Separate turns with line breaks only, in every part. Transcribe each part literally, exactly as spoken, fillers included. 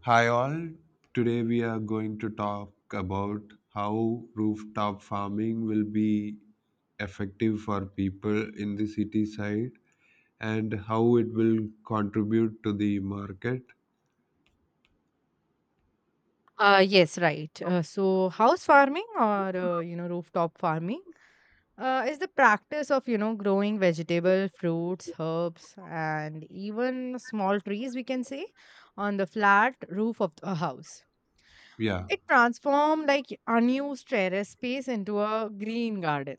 Hi all. Today we are going to talk about how rooftop farming will be effective for people in the city side and how it will contribute to the market.
Uh, yes, right. Uh, so, house farming or uh, you know rooftop farming uh, is the practice of you know growing vegetable, fruits, herbs, and even small trees. We can say on the flat roof of a house.
Yeah,
It transforms like unused terrace space into a green garden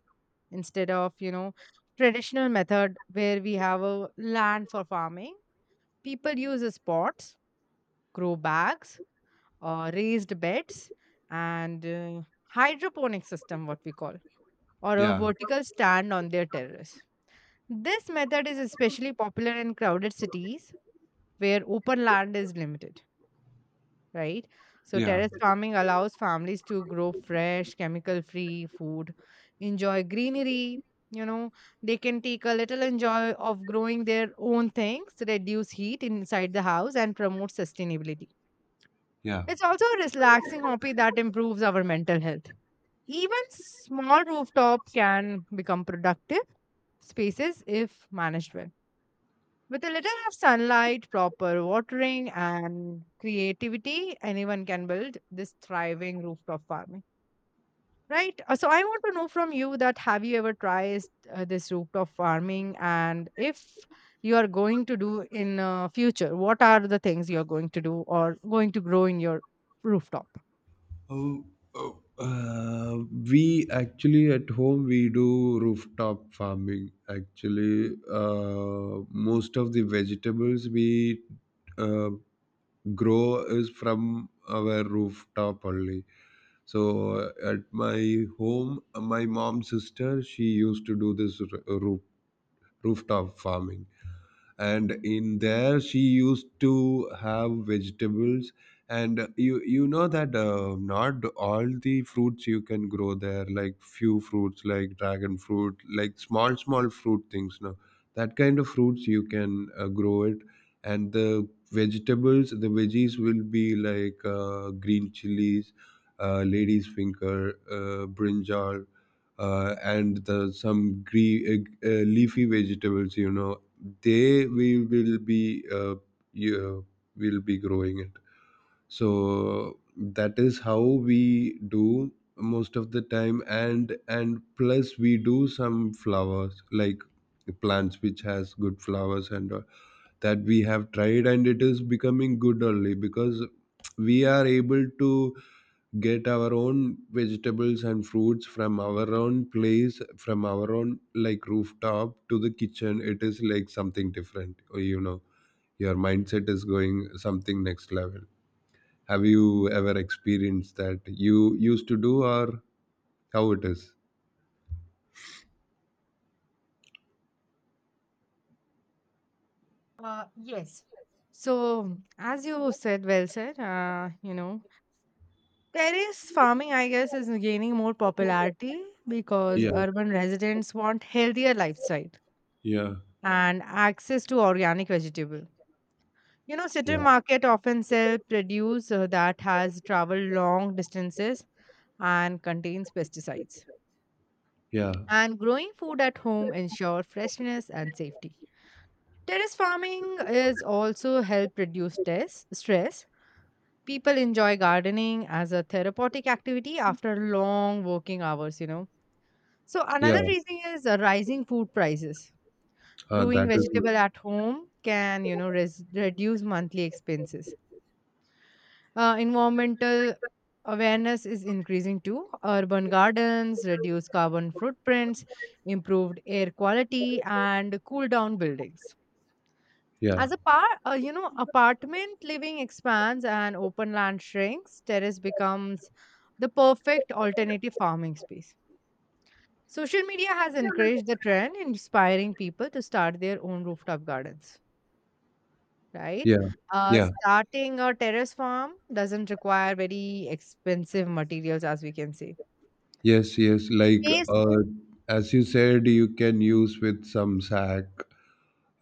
instead of you know traditional method where we have a land for farming. People use the spots, grow bags, uh, raised beds, and uh, hydroponic system what we call, or a
yeah,
vertical stand on their terrace. This method is especially popular in crowded cities where open land is limited, right? So
yeah,
terrace farming allows families to grow fresh chemical free food, enjoy greenery, you know they can take a little enjoy of growing their own things, reduce heat inside the house, and promote sustainability.
yeah.
It's also a relaxing hobby that improves our mental health. Even small rooftops can become productive spaces if managed well. With a little of sunlight, proper watering, and creativity, anyone can build this thriving rooftop farming. Right. Uh, So I want to know from you that have you ever tried uh, this rooftop farming, and if you are going to do in uh, future, what are the things you are going to do or going to grow in your rooftop?
Oh, oh, uh, we actually at home we do rooftop farming. Actually, uh, most of the vegetables we uh, grow is from our rooftop only. So uh, at my home, uh, my mom's sister, she used to do this r- roof rooftop farming. And in there she used to have vegetables. And you you know that, uh, not all the fruits you can grow there. Like few fruits like dragon fruit, like small small fruit things, no, that kind of fruits you can uh, grow it. And the vegetables, the veggies will be like uh, green chilies, uh, lady's finger, uh, brinjal, uh, and the, some green, uh, uh, leafy vegetables. You know, they we will be uh, you, uh, will be growing it. So that is how we do most of the time. And and plus, we do some flowers, like plants which has good flowers and all. That we have tried, and it is becoming good only because we are able to get our own vegetables and fruits from our own place, from our own, like, rooftop to the kitchen. It is like something different. Or, you know, your mindset is going something next level. Have you ever experienced that? You used to do? Or how it is?
Uh, yes. So, as you said, well said, uh, you know, terrace farming, I guess, is gaining more popularity because
Yeah,
urban residents want healthier lifestyle
yeah.
and access to organic vegetable. You know,
Yeah.
city market often sell produce uh, that has traveled long distances and contains pesticides.
Yeah.
And growing food at home ensure freshness and safety. Terrace farming is also help reduce stress, stress People enjoy gardening as a therapeutic activity after long working hours, you know. So,
Yeah.
another reason is uh, rising food prices.
Uh,
Growing
that is my.
vegetable at home can, you know, res- reduce monthly expenses. Uh, environmental awareness is increasing too. Urban gardens reduce carbon footprints, improved air quality, and cool down buildings.
Yeah.
As a par, uh, you know, Apartment living expands and open land shrinks, terrace becomes the perfect alternative farming space. Social media has encouraged the trend, inspiring people to start their own rooftop gardens. Right?
Yeah.
Uh,
Yeah.
starting a terrace farm doesn't require very expensive materials, as we can say.
Yes. Yes. Like,
Yes,
uh, as you said, you can use with some sack,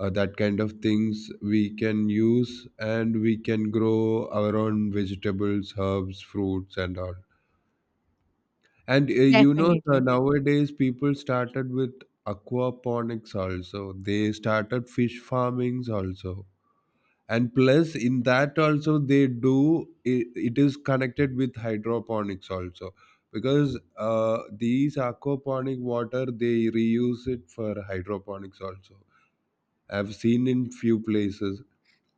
uh, that kind of things we can use, and we can grow our own vegetables, herbs, fruits, and all. And uh, you know, sir,
definitely.
nowadays people started with aquaponics also. They started fish farmings also. And plus, in that also, they do it. It is connected with hydroponics also. Because uh, these aquaponic water, they reuse it for hydroponics also. I've seen in few places.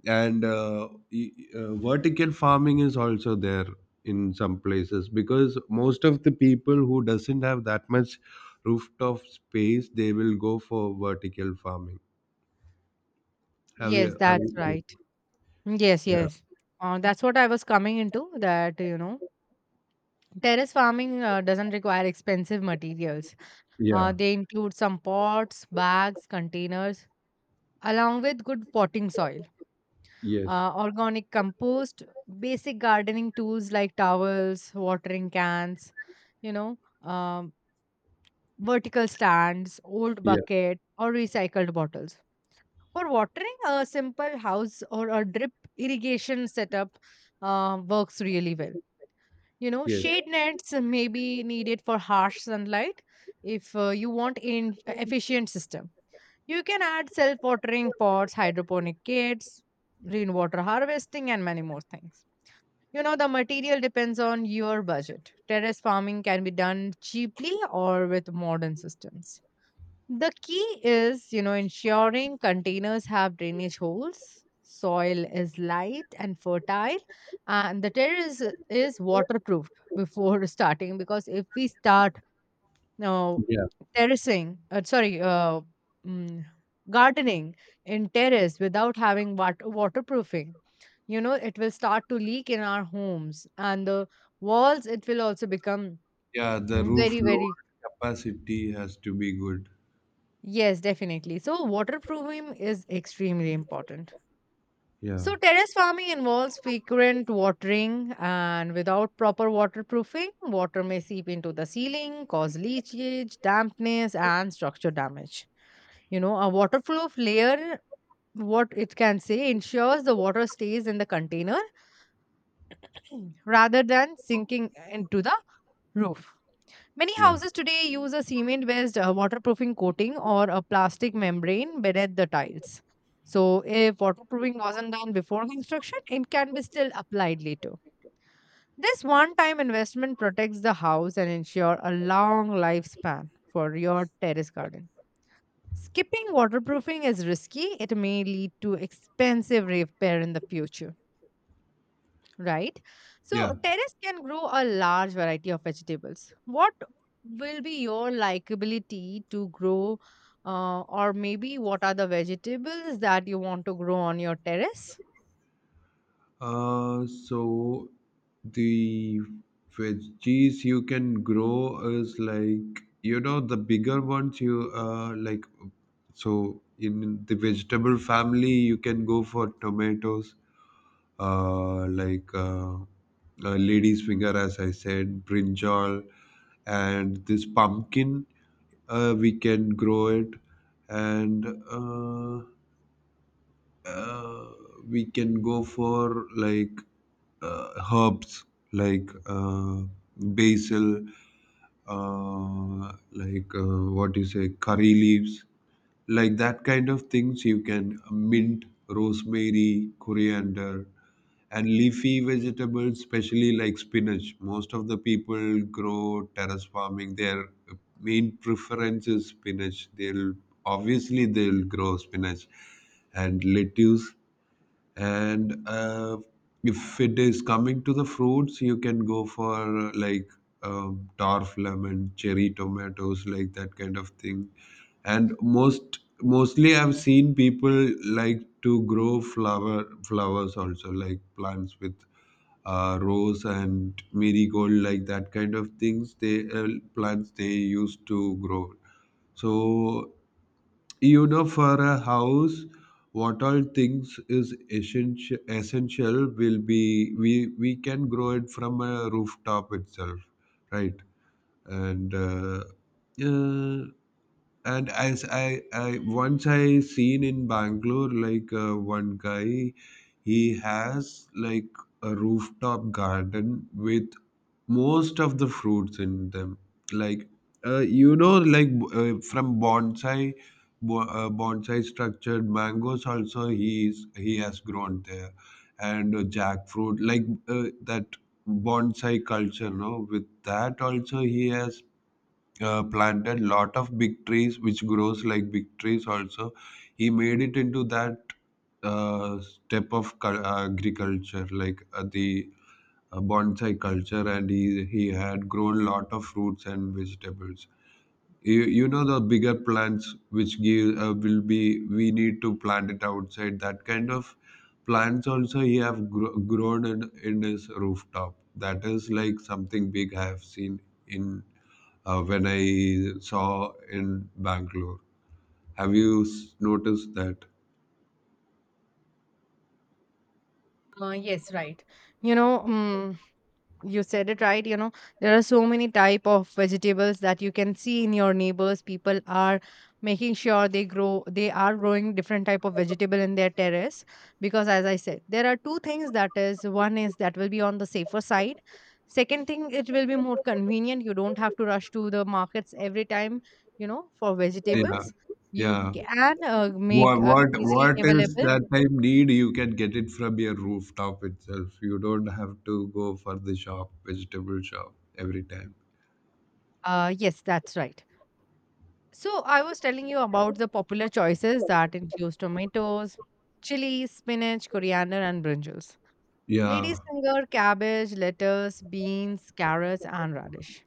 And uh, e- e, uh, vertical farming is also there in some places, because most of the people who doesn't have that much rooftop space, they will go for vertical farming. have
Yes,
you, have
that's
you
right. Yes,
yeah,
yes. Uh, that's what I was coming into that, you know, terrace farming uh, doesn't require expensive materials.
yeah.
Uh, they include some pots, bags, containers, along with good potting soil,
Yes.
uh, organic compost, basic gardening tools like towels, watering cans, you know, um, vertical stands, old
Yeah.
bucket, or recycled bottles. For watering, a simple house or a drip irrigation setup uh, works really well. You know,
Yes.
shade nets may be needed for harsh sunlight if uh, you want an efficient system. You can add self watering pots, hydroponic kits, rainwater harvesting, and many more things. You know, the material depends on your budget. Terrace farming can be done cheaply or with modern systems. The key is, you know, ensuring containers have drainage holes, soil is light and fertile, and the terrace is waterproof before starting. Because if we start now
Yeah.
terracing, uh, sorry, uh, mm, gardening in terrace without having water waterproofing, you know, it will start to leak in our homes and the walls. It will also become
Yeah, the roof
very, very.
load capacity has to be good.
Yes, definitely. So, waterproofing is extremely important.
Yeah,
So, terrace farming involves frequent watering, and without proper waterproofing, water may seep into the ceiling, cause leakage, dampness, and structure damage. You know, a waterproof layer, what it can say, ensures the water stays in the container rather than sinking into the roof. Many
yeah,
houses today use a cement based uh, waterproofing coating or a plastic membrane beneath the tiles. So, if waterproofing wasn't done before construction, it can be still applied later. This one time investment protects the house and ensure a long lifespan for your terrace garden. Skipping waterproofing is risky, it may lead to expensive repair in the future, right?
yeah.
So terrace can grow a large variety of vegetables. What will be your likability to grow, uh, or maybe what are the vegetables that you want to grow on your terrace?
Uh, so the veggies you can grow is like, you know, the bigger ones, you uh like. So in the vegetable family, you can go for tomatoes, uh like uh, uh lady's finger, as I said, brinjal, and this pumpkin. Uh, we can grow it. And uh, uh, we can go for, like, uh, herbs, like uh, basil, uh, like uh, what do you say, curry leaves, like that kind of things. You can, mint, rosemary, coriander, and leafy vegetables, especially like spinach. Most of the people grow terrace farming, their main preference is spinach. They'll obviously they'll grow spinach and lettuce. And uh, if it is coming to the fruits, you can go for uh, like um, torf lemon, cherry tomatoes, like that kind of thing. And most mostly, I've seen people like to grow flower flowers also, like plants with uh, rose and marigold, like that kind of things. They uh, plants they used to grow. So, you know, for a house, what all things is essential essential will be, we we can grow it from a rooftop itself, right? And uh, uh, and as I I once I seen in Bangalore, like, uh, one guy, he has like a rooftop garden with most of the fruits in them. Like, uh, you know like uh, from bonsai, bo- uh, bonsai structured mangoes also he's he has grown there. And uh, jackfruit, like, uh, that bonsai culture, no, with that also, he has uh, planted lot of big trees which grows like big trees also. He made it into that uh, step of cul- uh, agriculture, like uh, the a bonsai culture. And he, he had grown lot of fruits and vegetables. You, you know, the bigger plants which give uh, will be, we need to plant it outside. That kind of plants also he have gro- grown in, in his rooftop. That is like something big I have seen in uh, when I saw in Bangalore. Have you s- noticed that?
Uh, yes, right. You know, mm you said it right, you know there are so many type of vegetables that you can see in your neighbors, people are making sure they grow, they are growing different type of vegetable in their terrace, because as I said, there are two things. That is, one is that will be on the safer side. Second thing, it will be more convenient. You don't have to rush to the markets every time, you know for vegetables. You can uh, make
What,
uh,
what
easily
what is
available.
that time need? You can get it from your rooftop itself. You don't have to go for the shop, vegetable shop, every time.
Uh, yes, that's right. So I was telling you about the popular choices that includes tomatoes, chili, spinach, coriander, and brinjals.
Yeah,
Ladies finger, cabbage, lettuce, beans, carrots, and radish.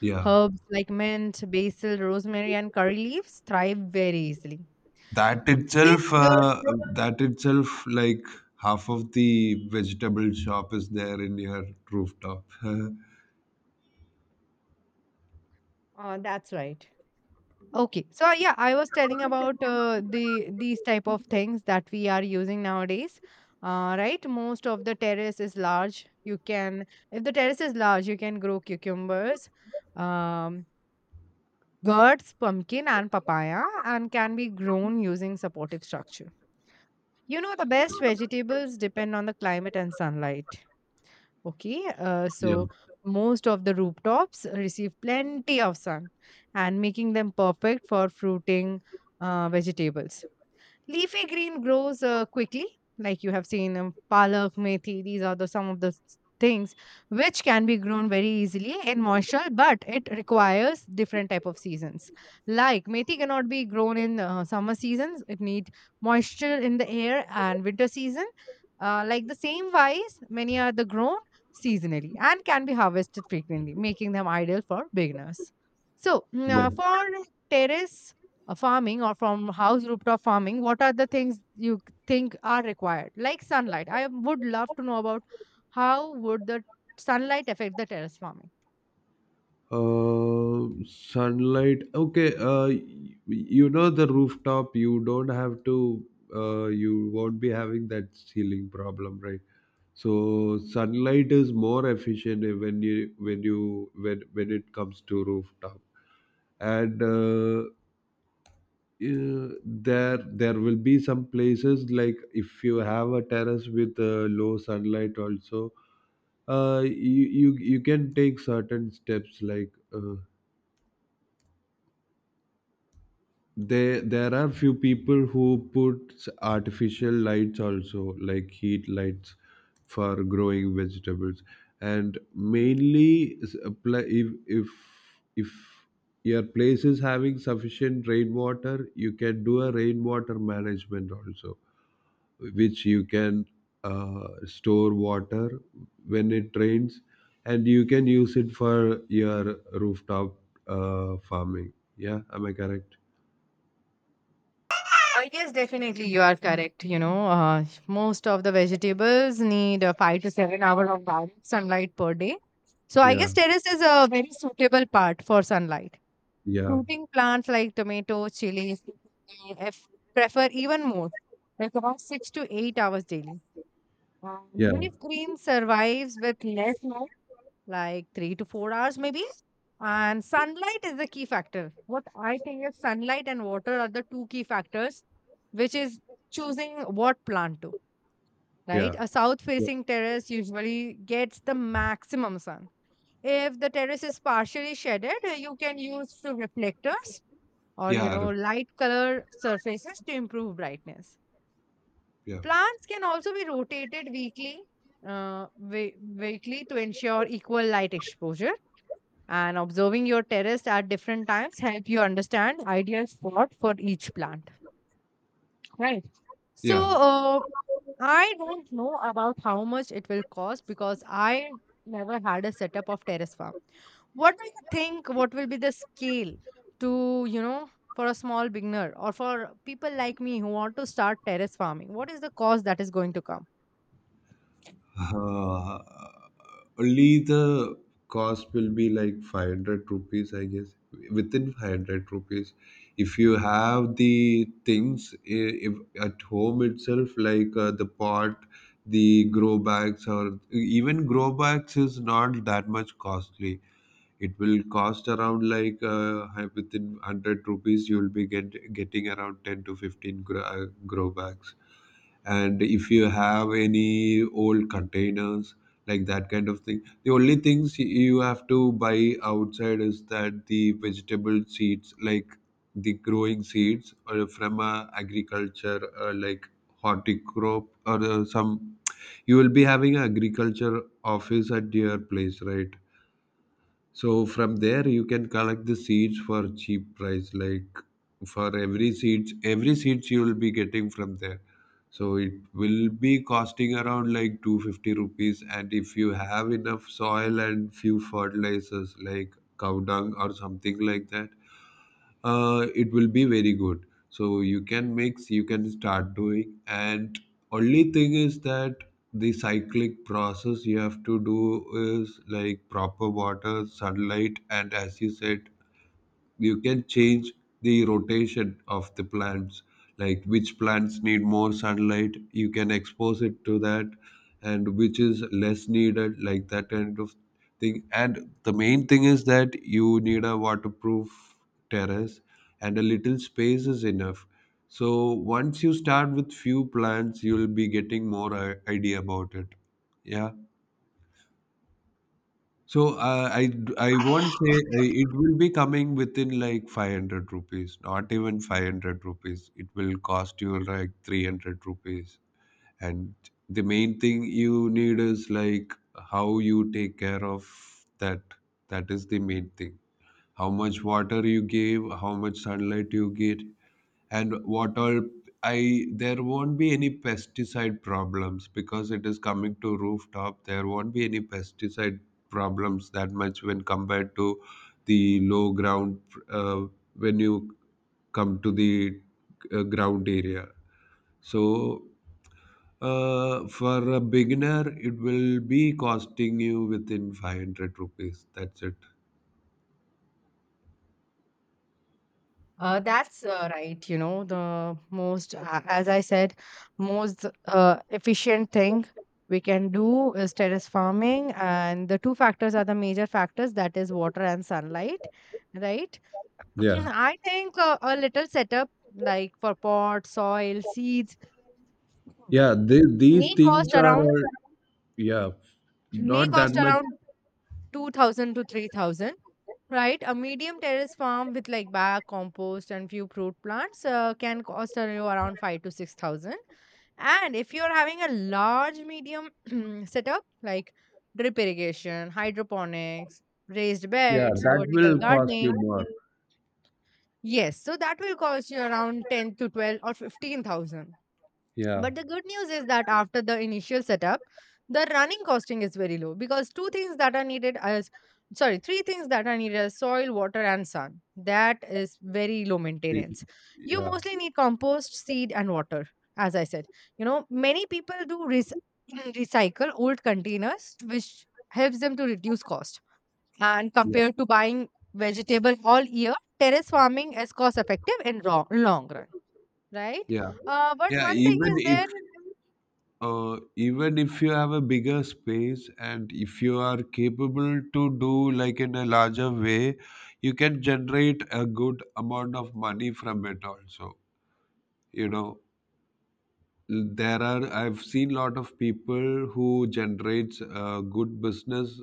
yeah.
Herbs like mint, basil, rosemary, and curry leaves thrive very easily.
That
It's
itself,
good.
uh, that itself, like, half of the vegetable shop is there in your rooftop.
Uh, that's right. Okay, so uh, yeah, I was telling about uh, the these type of things that we are using nowadays. Uh, right, most of the terrace is large. You can, if the terrace is large, you can grow cucumbers, um, gourds, pumpkin, and papaya, and can be grown using supportive structure. You know, the best vegetables depend on the climate and sunlight. Okay, uh,
Yeah,
so most of the rooftops receive plenty of sun and making them perfect for fruiting uh, vegetables. Leafy green grows uh, quickly, like you have seen um, palak, methi. These are the some of the s- things which can be grown very easily in moisture, but it requires different type of seasons. Like methi cannot be grown in uh, summer seasons; it need moisture in the air and winter season. Uh, like the same wise, many are the grown seasonally and can be harvested frequently, making them ideal for beginners. So, mm,
yeah.
uh, for terrace uh, farming or from house rooftop farming, what are the things you c- think are required? Like sunlight. I would love to know about how would the sunlight affect the terrace farming.
Uh, sunlight. Okay. Uh, y- you know, the rooftop, you don't have to. Uh, you won't be having that ceiling problem, right? So sunlight is more efficient when you when you when when it comes to rooftop. And uh, uh, there there will be some places like, if you have a terrace with uh, low sunlight also, uh, you, you you can take certain steps like uh, There, there are few people who put artificial lights also, like heat lights for growing vegetables. And mainly s- apply- if if if your place is having sufficient rainwater, you can do a rainwater management also, which you can uh, store water when it rains, and you can use it for your rooftop uh, farming. Yeah, am I correct?
I guess definitely you are correct. You know, uh, most of the vegetables need a five to seven hour of direct sunlight per day. So I
Yeah.
guess terrace is a very suitable part for sunlight.
Yeah,
Fruiting plants like tomatoes, chilies, cucumber, if prefer even more, like about six to eight hours daily. Um,
yeah,
leaf green survives with less light, like three to four hours maybe. And sunlight is the key factor. What I think is sunlight and water are the two key factors, which is choosing what plant to, right?
yeah,
A south
yeah,
facing terrace usually gets the maximum sun. If the terrace is partially shaded, uh, you can use the reflectors or, you
yeah,
know,
r-
light color surfaces to improve brightness.
yeah.
Plants can also be rotated weekly, uh, we- weekly to ensure equal light exposure. And observing your terrace at different times help you understand ideal spot for each plant. Right.
Yeah.
So uh, I don't know about how much it will cost because I never had a setup of terrace farm. What do you think? What will be the scale to you know for a small beginner or for people like me who want to start terrace farming? What is the cost that is going to come?
Uh, Only the cost will be like five hundred rupees, I guess. Within five hundred rupees, if you have the things, I- if at home itself, like uh, the pot, the grow bags. Or even grow bags is not that much costly. It will cost around like uh, hi- within one hundred rupees you'll be get, getting around ten to fifteen grow, uh, grow bags. And if you have any old containers, like that kind of thing, the only things y- you have to buy outside is that the vegetable seeds, like the growing seeds, or from a agriculture, uh, like horticulture or uh, some you will be having an agriculture office at your place, right? So from there you can collect the seeds for cheap price. Like, for every seeds, every seeds you will be getting from there. So it will be costing around like two hundred fifty rupees. And if you have enough soil and few fertilizers like cow dung or something like that, uh, it will be very good. So you can mix, you can start doing. And only thing is that the cyclic process you have to do is like proper water, sunlight, and as you said, you can change the rotation of the plants, like which plants need more sunlight, you can expose it to that, and which is less needed, like that kind of thing. And the main thing is that you need a waterproof terrace and a little space is enough. So once you start with few plants, you'll be getting more i- idea about it. Yeah. So uh, I d- I won't say, I, it will be coming within like five hundred rupees. Not even five hundred rupees. It will cost you like three hundred rupees. And the main thing you need is like how you take care of that. That is the main thing. How much water you give, how much sunlight you get, and what all I there won't be any pesticide problems, because it is coming to rooftop. There won't be any pesticide problems that much when compared to the low ground, uh, when you come to the uh, ground area. So uh, for a beginner it will be costing you within five hundred rupees, that's it.
Uh, that's uh, right. You know, the most, a- as I said, most uh, efficient thing we can do is terrace farming. And the two factors are the major factors, that is water and sunlight, right?
Yeah,
And I think uh, a little setup like for pot, soil, seeds
yeah, the- these
may cost
things are
around
all, yeah,
may
not that
cost
much.
around two thousand to three thousand. Right, a medium terrace farm with like back compost and few fruit plants uh, can cost uh, you around five to six thousand. And if you're having a large medium setup like drip irrigation, hydroponics, raised
Yeah,
beds,
that
vertical
will cost you
gardening.
more.
Yes, so that will cost you around ten to twelve or fifteen thousand.
Yeah,
But the good news is that after the initial setup, the running costing is very low because two things that are needed as sorry, three things that are needed as soil, water, and sun. That is very low
yeah,
maintenance. You
yeah,
mostly need compost, seed, and water. As I said, you know, many people do rec- recycle old containers, which helps them to reduce cost. And
yeah,
compared to buying vegetable all year, terrace farming is cost effective in ro- long run, right?
yeah.
Uh, but
Yeah,
one thing
even
is
if
there.
uh, even if you have a bigger space, and if you are capable to do like in a larger way, you can generate a good amount of money from it also. You know, there are, I've seen lot of people who generates uh, good business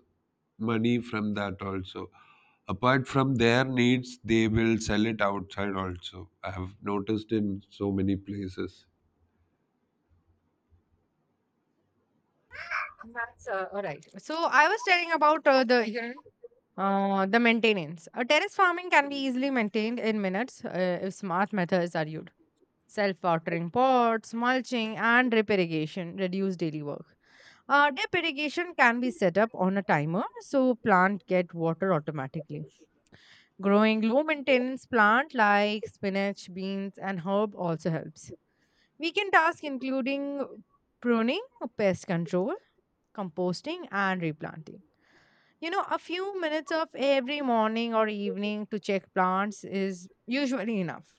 money from that also. Apart from their needs, they will sell it outside also. I have noticed in so many places.
That's uh, all right. So I was telling about uh, the you uh, the maintenance. Uh, terrace farming can be easily maintained in minutes uh, if smart methods are used. Self-watering pots, mulching, and drip irrigation reduce daily work. Uh, drip irrigation can be set up on a timer so plant get water automatically. Growing low maintenance plant like spinach, beans, and herb also helps. Weekend tasks including pruning, pest control, composting, and replanting. You know, a few minutes of every morning or evening to check plants is usually enough.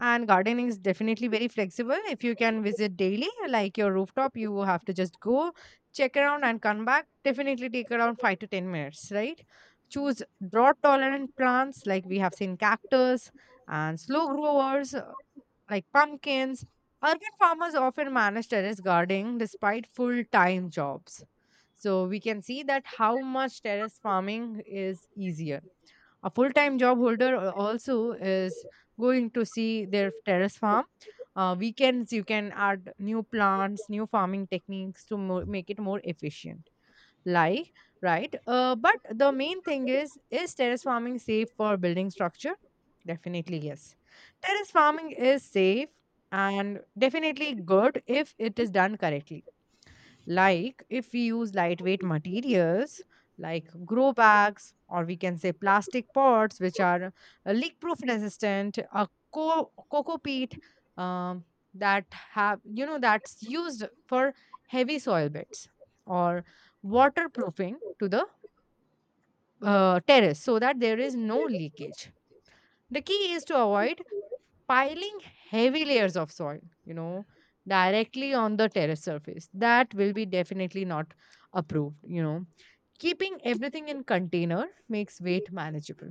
And gardening is definitely very flexible. If you can visit daily, like your rooftop, you have to just go, check around, and come back. Definitely take around five to ten minutes, right? Choose drought tolerant plants like we have seen cactus and slow growers. Uh, like pumpkins. Urban farmers often manage terrace gardening despite full time jobs. So we can see that how much terrace farming is easier. A full time job holder al- also is going to see their terrace farm. Uh, weekends, you can add new plants, new farming techniques to mo- make it more efficient lie, right? Uh, but the main thing is is terrace farming safe for building structure? Definitely yes. Terrace farming is safe and definitely good if it is done correctly, like if we use lightweight materials like grow bags, or we can say plastic pots, which are uh, leak proof resistant, a co- coco peat um, that have, you know, that's used for heavy soil beds or waterproofing to the uh, terrace so that there is no leakage. The key is to avoid piling heavy layers of soil, you know, directly on the terrace surface. That will be definitely not approved, you know. Keeping everything in container makes weight manageable.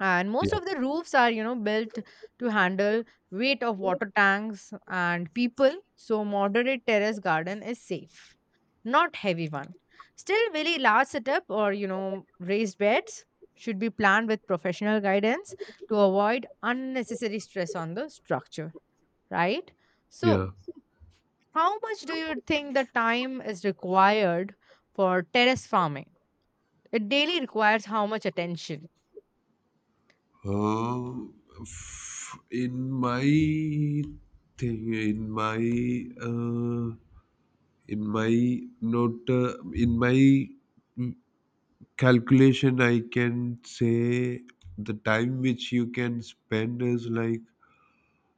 And most
Yeah,
of the roofs are, you know, built to handle weight of water tanks and people. So moderate terrace garden is safe, not heavy one. Still, very large setup or, you know, raised beds should be planned with professional guidance to avoid unnecessary stress on the structure, right?
yeah.
So, how much do you think the time is required for terrace farming? It daily requires how much attention?
Um, in my thing, in my uh, in my note, uh, in my mm, calculation, I can say, the time which you can spend is like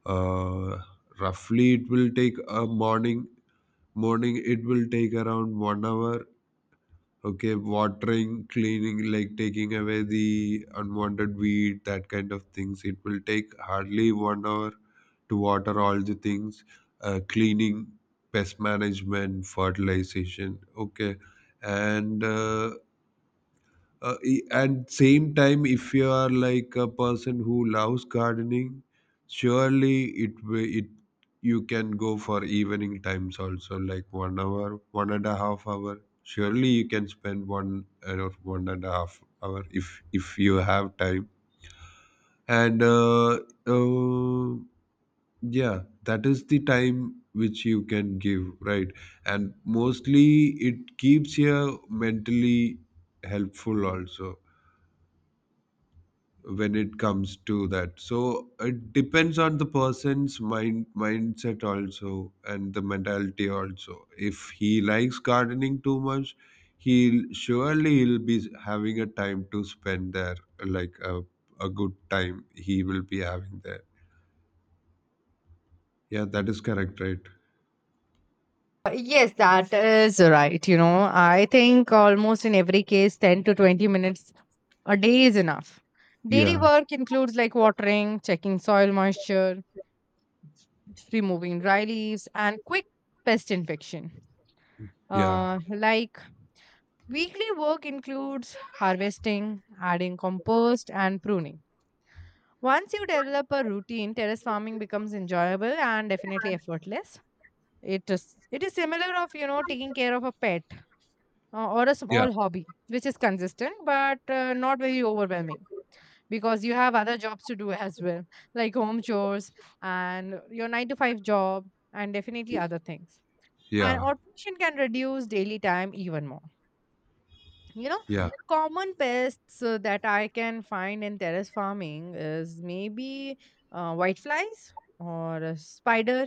uh, roughly it will take a morning morning it will take around one hour. Okay, watering, cleaning, like taking away the unwanted weed, that kind of things, it will take hardly one hour to water all the things, uh, cleaning, pest management, fertilization. Okay, and uh, uh, i- and same time, if you are like a person who loves gardening, surely it wi- it you can go for evening times also, like one hour, one and a half hour. Surely you can spend one or one and a half hour, if if you have time. And uh, uh, yeah, that is the time which you can give, right? And mostly it keeps you mentally helpful also when it comes to that. So it depends on the person's mind mindset also, and the mentality also. If he likes gardening too much, he'll surely he'll be having a time to spend there, like a, a good time he will be having there. Yeah, that is correct, right?
Uh, Yes, that is right. You know, I think almost in every case, ten to twenty minutes a day is enough.
Yeah,
Daily work includes like watering, checking soil moisture, removing dry leaves, and quick pest infection.
yeah,
Uh, like weekly work includes harvesting, adding compost, and pruning. Once you develop a routine, terrace farming becomes enjoyable and definitely effortless. It is it is similar of, you know, taking care of a pet uh, or a
yeah,
small hobby, which is consistent but uh, not very overwhelming, because you have other jobs to do as well, like home chores and your nine to five job and definitely other things. And
yeah,
automation can reduce daily time even more, you know.
yeah,
Common pests uh, that I can find in terrace farming is maybe uh, whiteflies or a spider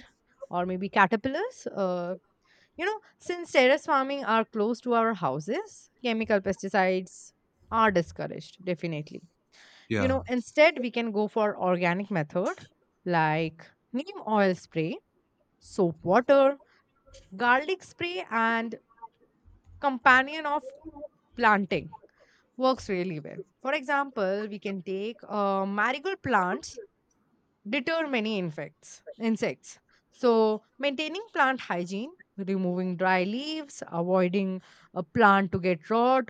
or maybe caterpillars uh, you know, since terrace farming are close to our houses, chemical pesticides are discouraged, definitely. You
yeah,
know, instead we can go for organic method, like neem oil spray, soap water, garlic spray, and companion of planting works really well. For example, we can take uh, marigold plants deter many infects, insects. So, maintaining plant hygiene, removing dry leaves, avoiding a plant to get rot,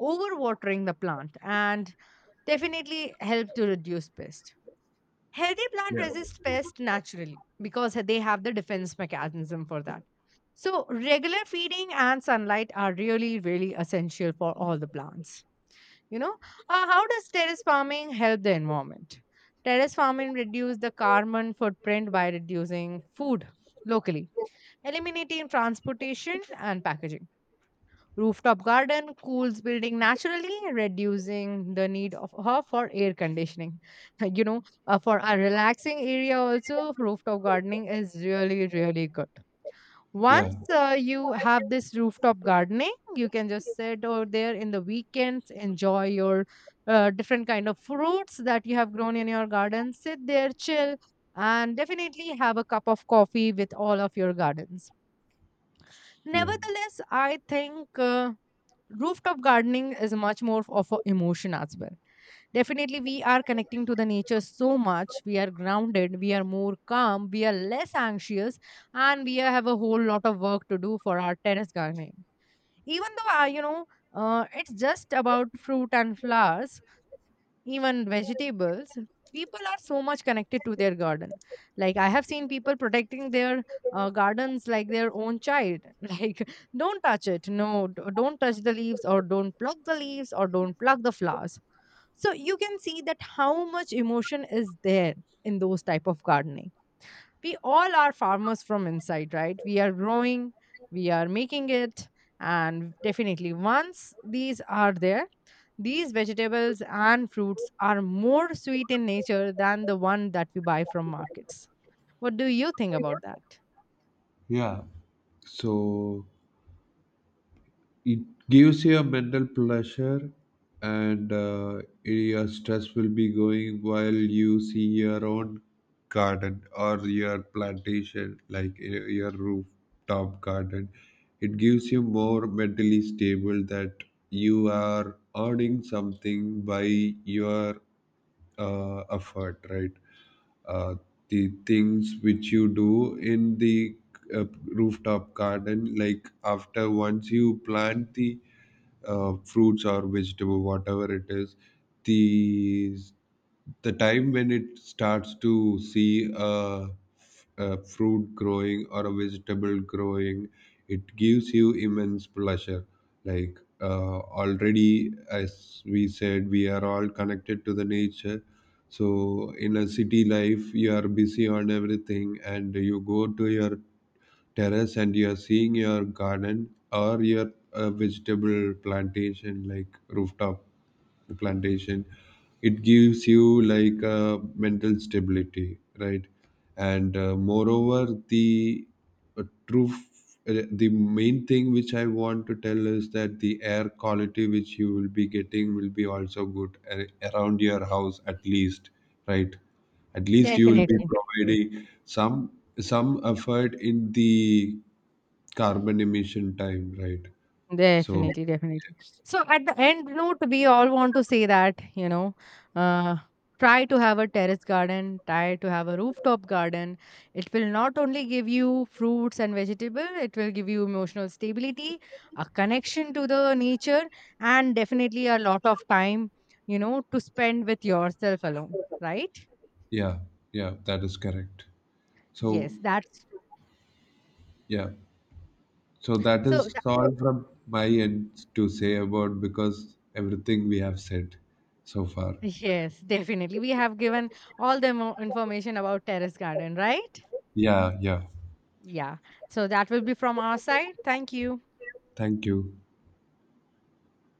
overwatering the plant, and definitely help to reduce pest. Healthy plant
yeah.
resist pest naturally because they have the defense mechanism for that. So, regular feeding and sunlight are really, really essential for all the plants. You know, uh, how does terrace farming help the environment? Terrace farming reduces the carbon footprint by reducing food locally, eliminating transportation and packaging. Rooftop garden cools building naturally, reducing the need of her for air conditioning. You know, uh, for a relaxing area also, rooftop gardening is really really good.
Yeah.
Once uh, you have this rooftop gardening, you can just sit over there in the weekends, enjoy your uh, different kind of fruits that you have grown in your garden, sit there, chill, and definitely have a cup of coffee with all of your gardens.
Yeah.
Nevertheless, I think uh, rooftop gardening is much more of an emotion as well. Definitely, we are connecting to the nature so much. We are grounded, we are more calm, we are less anxious, and we have a whole lot of work to do for our terrace gardening. Even though, uh, you know, uh, it's just about fruit and flowers, even vegetables, people are so much connected to their garden. Like I have seen people protecting their uh, gardens like their own child like don't touch it, no d- don't touch the leaves or don't pluck the leaves or don't pluck the flowers. So you can see that how much emotion is there in those type of gardening. We all are farmers from inside, right? We are growing, we are making it, and definitely once these are there, these vegetables and fruits are more sweet in nature than the one that we buy from markets. What do you think about that?
Yeah. So it gives you a mental pleasure, and uh, your stress will be going while you see your own garden, or your plantation, like y- your rooftop garden. It gives you more mentally stable that you are earning something by your uh, effort, right? uh, the things which you do in the uh, rooftop garden, like after once you plant the uh, fruits or vegetable, whatever it is, the the time when it starts to see a, a fruit growing or a vegetable growing, it gives you immense pleasure. Like uh, already, as we said, we are all connected to the nature. So in a city life, you are busy on everything, and you go to your terrace, and you're seeing your garden or your uh, vegetable plantation, like rooftop plantation. It gives you like a mental stability, right? And uh, moreover the uh, true f- uh, the main thing which I want to tell is that the air quality which you will be getting will be also good a- around your house, at least, right? At least you will be
Definitely.
providing some some effort in the carbon emission time, right? So,
Definitely, definitely. So at the end note, we all want to say that, you know, uh, try to have a terrace garden, try to have a rooftop garden. It will not only give you fruits and vegetables, it will give you emotional stability, a connection to the nature, and definitely a lot of time, you know, to spend with yourself alone, right?
yeah, yeah, that is correct. So,
Yes, that's
yeah. So that
so.
is
That,
all from my end to say about, because everything we have said so far.
yes, definitely. We have given all the mo- information about terrace garden, right?
Yeah, yeah.
Yeah. So that will be from our side. Thank you.
Thank you.